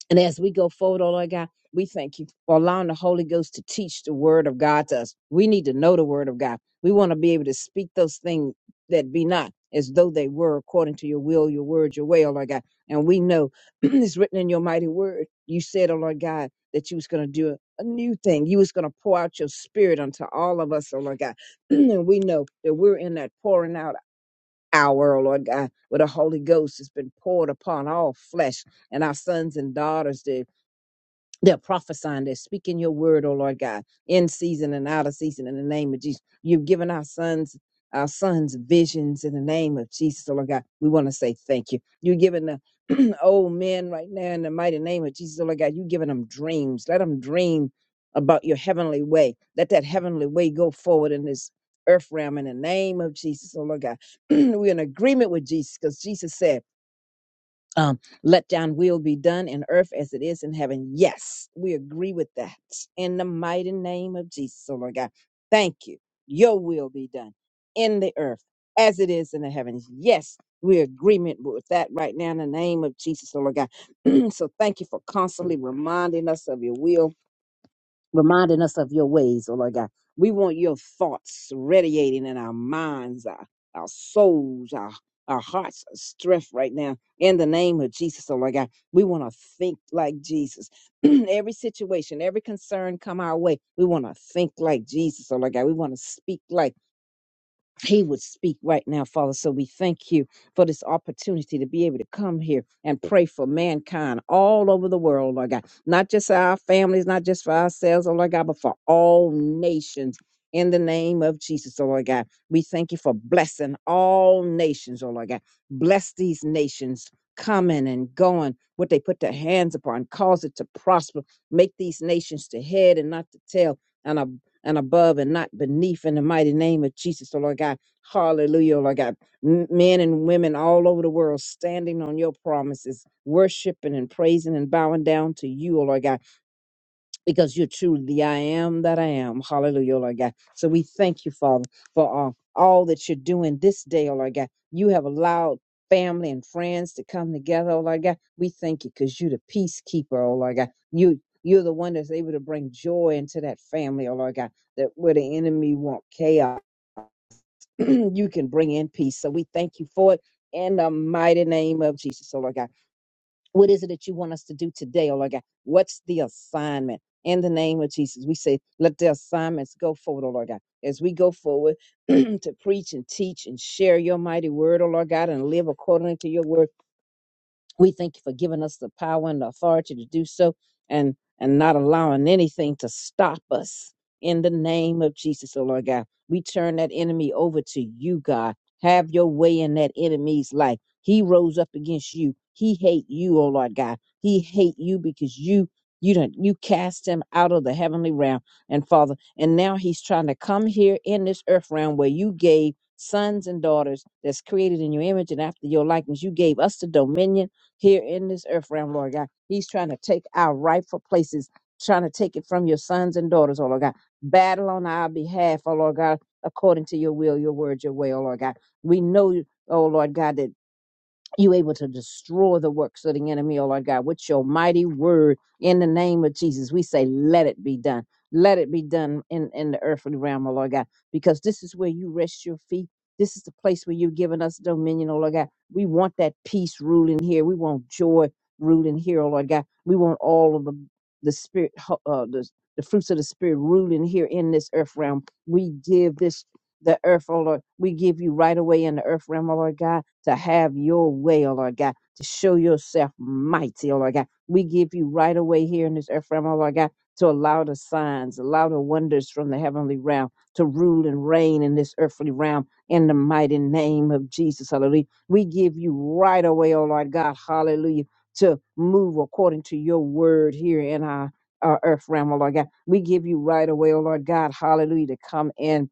Speaker 3: And as we go forward, oh Lord God, we thank you for allowing the Holy Ghost to teach the word of God to us. We need to know the word of God. We want to be able to speak those things that be not as though they were according to your will, your word, your way, oh Lord God. And we know *clears throat* it's written in your mighty word. You said, oh Lord God, that you was going to do a a new thing. You was going to pour out your spirit unto all of us, oh Lord God. *clears throat* and we know that we're in that pouring out hour, oh Lord God, where the Holy Ghost has been poured upon all flesh and our sons and daughters. the they're prophesying, they're speaking your word, oh Lord God, in season and out of season in the name of Jesus. You've given our sons, our sons visions in the name of Jesus, oh Lord God. We want to say thank you. You're giving the *clears throat* old men right now in the mighty name of Jesus, oh Lord God. You're giving them dreams. Let them dream about your heavenly way. Let that heavenly way go forward in this earth realm in the name of Jesus, oh Lord God. *clears throat* We're in agreement with Jesus because Jesus said, um, let down will be done in earth as it is in heaven. Yes, we agree with that in the mighty name of Jesus, oh Lord God. Thank you. Your will be done in the earth as it is in the heavens. Yes, we agreement with that right now in the name of Jesus, oh Lord God. *clears throat* so thank you for constantly reminding us of your will reminding us of your ways, oh Lord God. We want your thoughts radiating in our minds, our, our souls, our, our hearts are strength right now. In the name of Jesus, oh Lord God, we want to think like Jesus. *clears throat* every situation, every concern come our way. We want to think like Jesus, oh Lord God. We want to speak like he would speak right now, Father. So we thank you for this opportunity to be able to come here and pray for mankind all over the world, Lord God. Not just our families, not just for ourselves, oh Lord God, but for all nations. In the name of Jesus, oh Lord God, we thank you for blessing all nations, oh Lord God. Bless these nations coming and going, what they put their hands upon, cause it to prosper. Make these nations to head and not to tail, and above and above and not beneath in the mighty name of Jesus, oh Lord God. Hallelujah, oh Lord God. M- Men and women all over the world standing on your promises, worshiping and praising and bowing down to you, oh Lord God because you're truly the I am that I am. Hallelujah, oh Lord God. So we thank you, Father, for uh, all that you're doing this day, oh Lord God. You have allowed family and friends to come together, oh Lord God. We thank you because you're the peacekeeper, oh Lord God. You you're the one that's able to bring joy into that family, oh Lord God, that where the enemy want chaos, *clears throat* you can bring in peace. So we thank you for it in the mighty name of Jesus, oh Lord God. What is it that you want us to do today, oh Lord God? What's the assignment? In the name of Jesus, we say, let the assignments go forward, oh Lord God. As we go forward *clears throat* to preach and teach and share your mighty word, oh Lord God, and live according to your word. We thank you for giving us the power and the authority to do so and and not allowing anything to stop us in the name of Jesus, oh Lord God. We turn that enemy over to you, God. Have your way in that enemy's life. He rose up against you. He hate you, oh Lord God. He hate you because you you don't you cast him out of the heavenly realm and father. And now he's trying to come here in this earth realm where you gave sons and daughters that's created in your image and after your likeness. You gave us the dominion here in this earth realm, Lord God. He's trying to take our rightful places, trying to take it from your sons and daughters, oh Lord God. Battle on our behalf, oh Lord God, according to your will, your word, your way, oh Lord God. We know, oh Lord God, that you able to destroy the works of the enemy, oh Lord God, with your mighty word in the name of Jesus. We say, let it be done. Let it be done in, in the earthly realm, oh Lord God, because this is where you rest your feet. This is the place where you've given us dominion, oh Lord God. We want that peace ruling here. We want joy ruling here, oh Lord God. We want all of the, the spirit, ho- uh, the, the fruits of the spirit ruling here in this earth realm. We give this the earth, oh Lord. We give you right away in the earth realm, oh Lord God, to have your way, oh Lord God, to show yourself mighty, oh Lord God. We give you right away here in this earth realm, oh Lord God, to allow the signs, allow the wonders from the heavenly realm to rule and reign in this earthly realm in the mighty name of Jesus, hallelujah. We give you right away, oh Lord God, hallelujah, to move according to your word here in our, our earth realm, oh Lord God. We give you right away, oh Lord God, hallelujah, to come in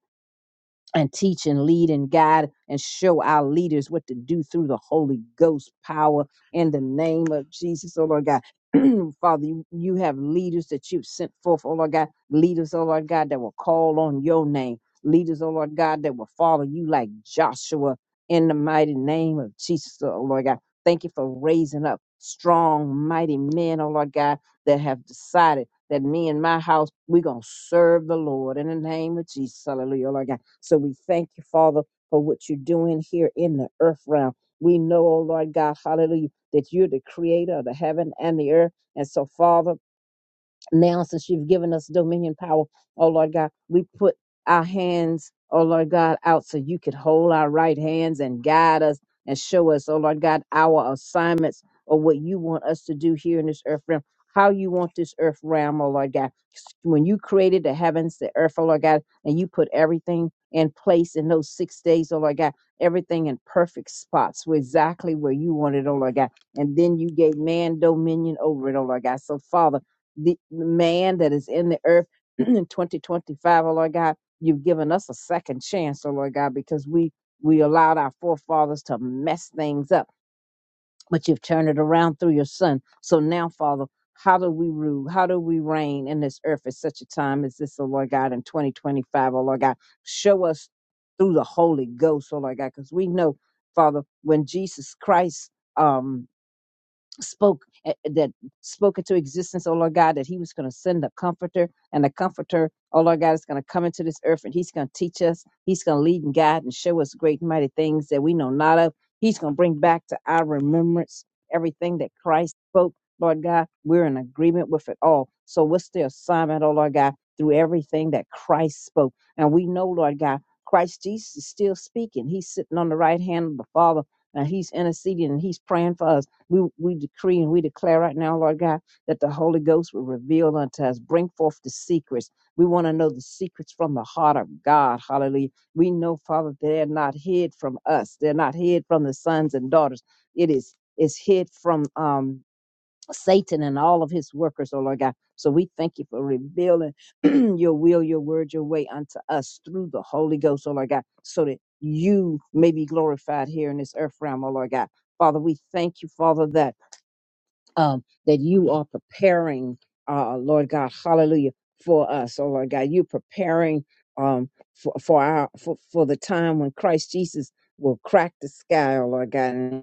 Speaker 3: and teach and lead and guide and show our leaders what to do through the Holy Ghost power in the name of Jesus, oh Lord God. *clears throat* Father, you, you have leaders that you've sent forth, oh Lord God. Leaders, oh Lord God, that will call on your name. Leaders, oh Lord God, that will follow you like Joshua in the mighty name of Jesus, oh Lord God. Thank you for raising up strong, mighty men, oh Lord God, that have decided that me and my house, we're going to serve the Lord in the name of Jesus. Hallelujah, oh Lord God. So we thank you, Father, for what you're doing here in the earth realm. We know, oh Lord God, hallelujah, that you're the creator of the heaven and the earth. And so, Father, now since you've given us dominion power, oh Lord God, we put our hands, oh Lord God, out so you could hold our right hands and guide us and show us, oh Lord God, our assignments or what you want us to do here in this earth realm, how you want this earth realm, oh Lord God. When you created the heavens, the earth, oh Lord God, and you put everything in place in those six days, oh Lord God, everything in perfect spots, were exactly where you wanted, oh Lord God. And then you gave man dominion over it, oh Lord God. So, Father, the man that is in the earth *clears throat* in 2025, O Lord God. You've given us a second chance, oh Lord God, because we we allowed our forefathers to mess things up, but you've turned it around through your son. So now, Father, how do we rule? How do we reign in this earth at such a time as this, oh Lord God, in 2025, O Lord God? Show us through the Holy Ghost, oh Lord God, because we know, Father, when Jesus Christ um spoke eh, eh, that spoke into existence, oh Lord God, that He was going to send a comforter, and the comforter, oh Lord God, is going to come into this earth and He's going to teach us, He's going to lead and guide and show us great and mighty things that we know not of. He's going to bring back to our remembrance everything that Christ spoke, Lord God. We're in agreement with it all. So what's the assignment, oh Lord God, through everything that Christ spoke? And we know, Lord God, Christ Jesus is still speaking. He's sitting on the right hand of the Father and He's interceding and He's praying for us. We, we decree and we declare right now, Lord God, that the Holy Ghost will reveal unto us, bring forth the secrets. We want to know the secrets from the heart of God. Hallelujah. We know, Father, they're not hid from us. They're not hid from the sons and daughters. It is is hid from um, Satan and all of his workers, oh Lord God. So we thank you for revealing *clears throat* your will, your word, your way unto us through the Holy Ghost, oh Lord God, so that you may be glorified here in this earth realm, oh Lord God. Father, we thank you, Father, that um, that you are preparing, uh, Lord God, hallelujah, for us. Oh, Lord God, you're preparing um, for, for, our, for, for the time when Christ Jesus will crack the sky, oh, Lord God,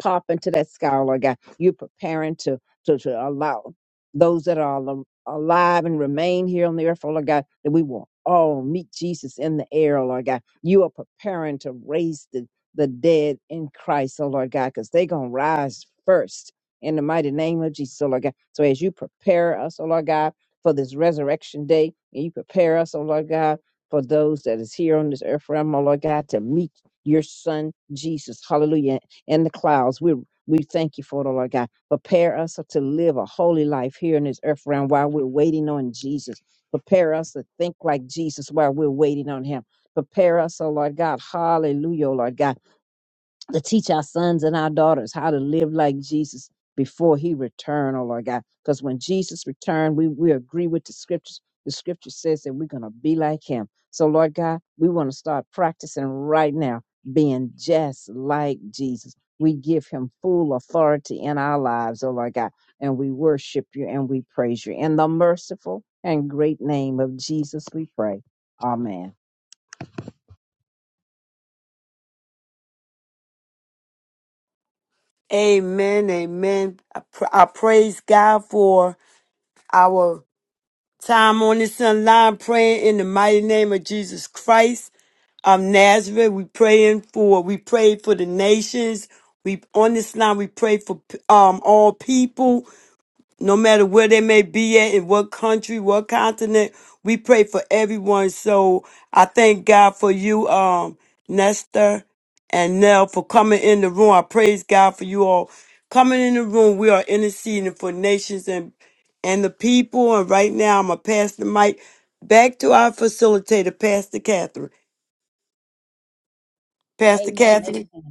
Speaker 3: pop into that scholar guy. You're preparing to, to, to allow those that are al- alive and remain here on the earth, oh Lord God, that we will all meet Jesus in the air, oh Lord God. You are preparing to raise the, the dead in Christ, oh Lord God, because they're going to rise first in the mighty name of Jesus, oh Lord God. So as you prepare us, oh Lord God, for this resurrection day, and you prepare us, oh Lord God, for those that is here on this earth realm, oh Lord God, to meet your son Jesus. Hallelujah in the clouds. We we thank you for it, oh Lord God. Prepare us to live a holy life here in this earth realm while we're waiting on Jesus. Prepare us to think like Jesus while we're waiting on him. Prepare us, oh Lord God. Hallelujah, oh Lord God to teach our sons and our daughters how to live like Jesus before he return, oh Lord God. Because when Jesus returned, we, we agree with the scriptures. The scripture says that we're going to be like him. So, Lord God, we want to start practicing right now being just like Jesus. We give him full authority in our lives, oh Lord God, and we worship you and we praise you. In the merciful and great name of Jesus, we pray. Amen.
Speaker 1: Amen. Amen. I, pr- I praise God for our time on this line praying in the mighty name of Jesus Christ of Nazareth. We praying for. We prayed for the nations. We on this line. We pray for um all people. no matter where they may be at, in what country, what continent. We pray for everyone. So I thank God for you, um, Nestor and Nell, for coming in the room. I praise God for you all coming in the room. We are interceding for nations and and the people. And right now, I'm gonna pass the mic back to our facilitator, Pastor Catherine. Pastor
Speaker 3: Amen.
Speaker 1: Catherine.
Speaker 3: Amen.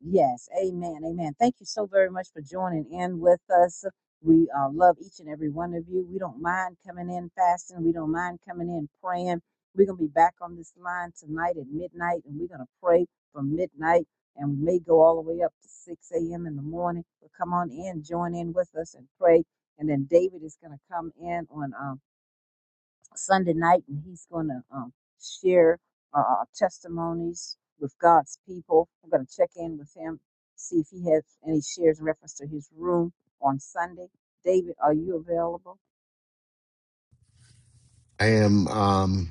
Speaker 3: Yes, amen, amen. Thank you so very much for joining in with us. We uh, love each and every one of you. We don't mind coming in fasting. We don't mind coming in praying. We're going to be back on this line tonight at midnight, and we're going to pray from midnight, and we may go all the way up to 6 a.m. in the morning. But come on in, join in with us, and pray. And then David is going to come in on. um, Sunday night, and he's going to um, share uh, our testimonies with God's people. I'm going to check in with him, see if he has any shares in reference to his room on Sunday. David, are you available?
Speaker 2: I am. Um,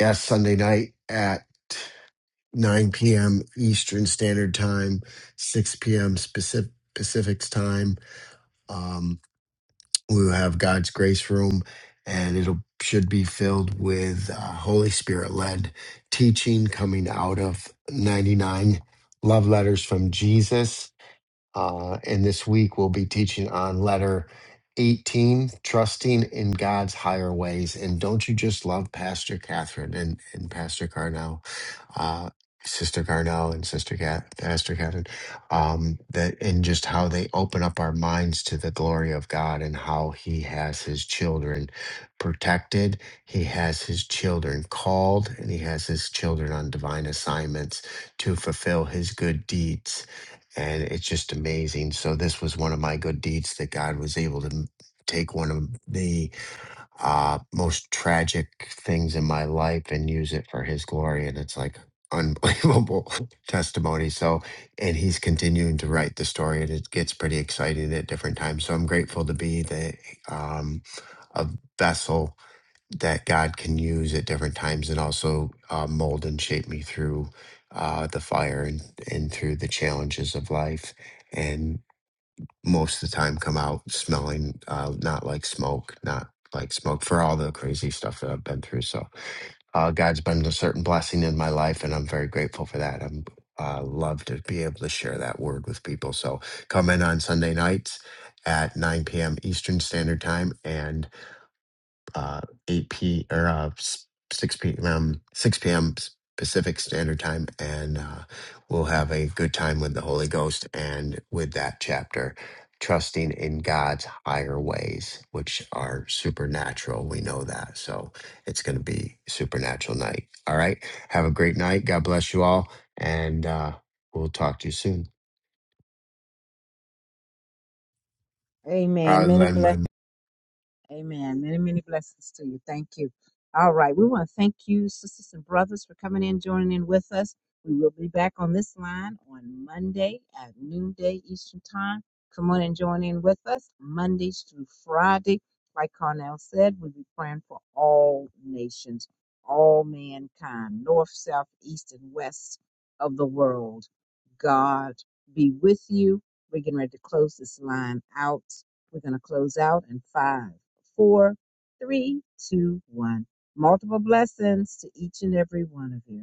Speaker 2: Yes, Sunday night at 9 p.m. Eastern Standard Time, 6 p.m. Pacific, Pacific's time. Um, we will have God's Grace Room, and it'll should be filled with uh, Holy Spirit led teaching coming out of 99 love letters from Jesus uh, and this week we'll be teaching on letter 18, trusting in God's higher ways. And don't you just love Pastor Catherine and, and Pastor Carnell, uh, Sister Carnell and Sister Cat, Pastor Catherine, um, that and just how they open up our minds to the glory of God and how He has His children protected, He has His children called, and He has His children on divine assignments to fulfill His good deeds and it's just amazing. So this was one of my good deeds that God was able to m- take one of the uh, most tragic things in my life and use it for His glory, and it's like unbelievable *laughs* testimony. So, and He's continuing to write the story, and it gets pretty exciting at different times. So I'm grateful to be the um, a vessel that God can use at different times and also uh, mold and shape me through uh, the fire and, and through the challenges of life. And most of the time, come out smelling uh, not like smoke, not like smoke for all the crazy stuff that I've been through. So, uh, God's been a certain blessing in my life, and I'm very grateful for that. I'm uh, love to be able to share that word with people. So, come in on Sunday nights at 9 p.m. Eastern Standard Time and uh, 8 p or uh, s- 6 p.m. 6 p.m. Pacific Standard Time, and uh, we'll have a good time with the Holy Ghost and with that chapter, trusting in God's higher ways, which are supernatural. We know that, so it's going to be supernatural night. All right, have a great night. God bless you all, and uh, we'll talk to you soon.
Speaker 3: Amen.
Speaker 2: I'll
Speaker 3: Many
Speaker 2: lend
Speaker 3: blessings.
Speaker 2: my
Speaker 3: Amen. Many, many blessings to you. Thank you. All right. We want to thank you, sisters and brothers, for coming in, joining in with us. We will be back on this line on Monday at noonday Eastern Time. Come on and join in with us Mondays through Friday. Like Carnell said, we'll be praying for all nations, all mankind, north, south, east, and west of the world. God be with you. We're getting ready to close this line out. We're going to close out in five four, three, two, one. Multiple blessings to each and every one of you.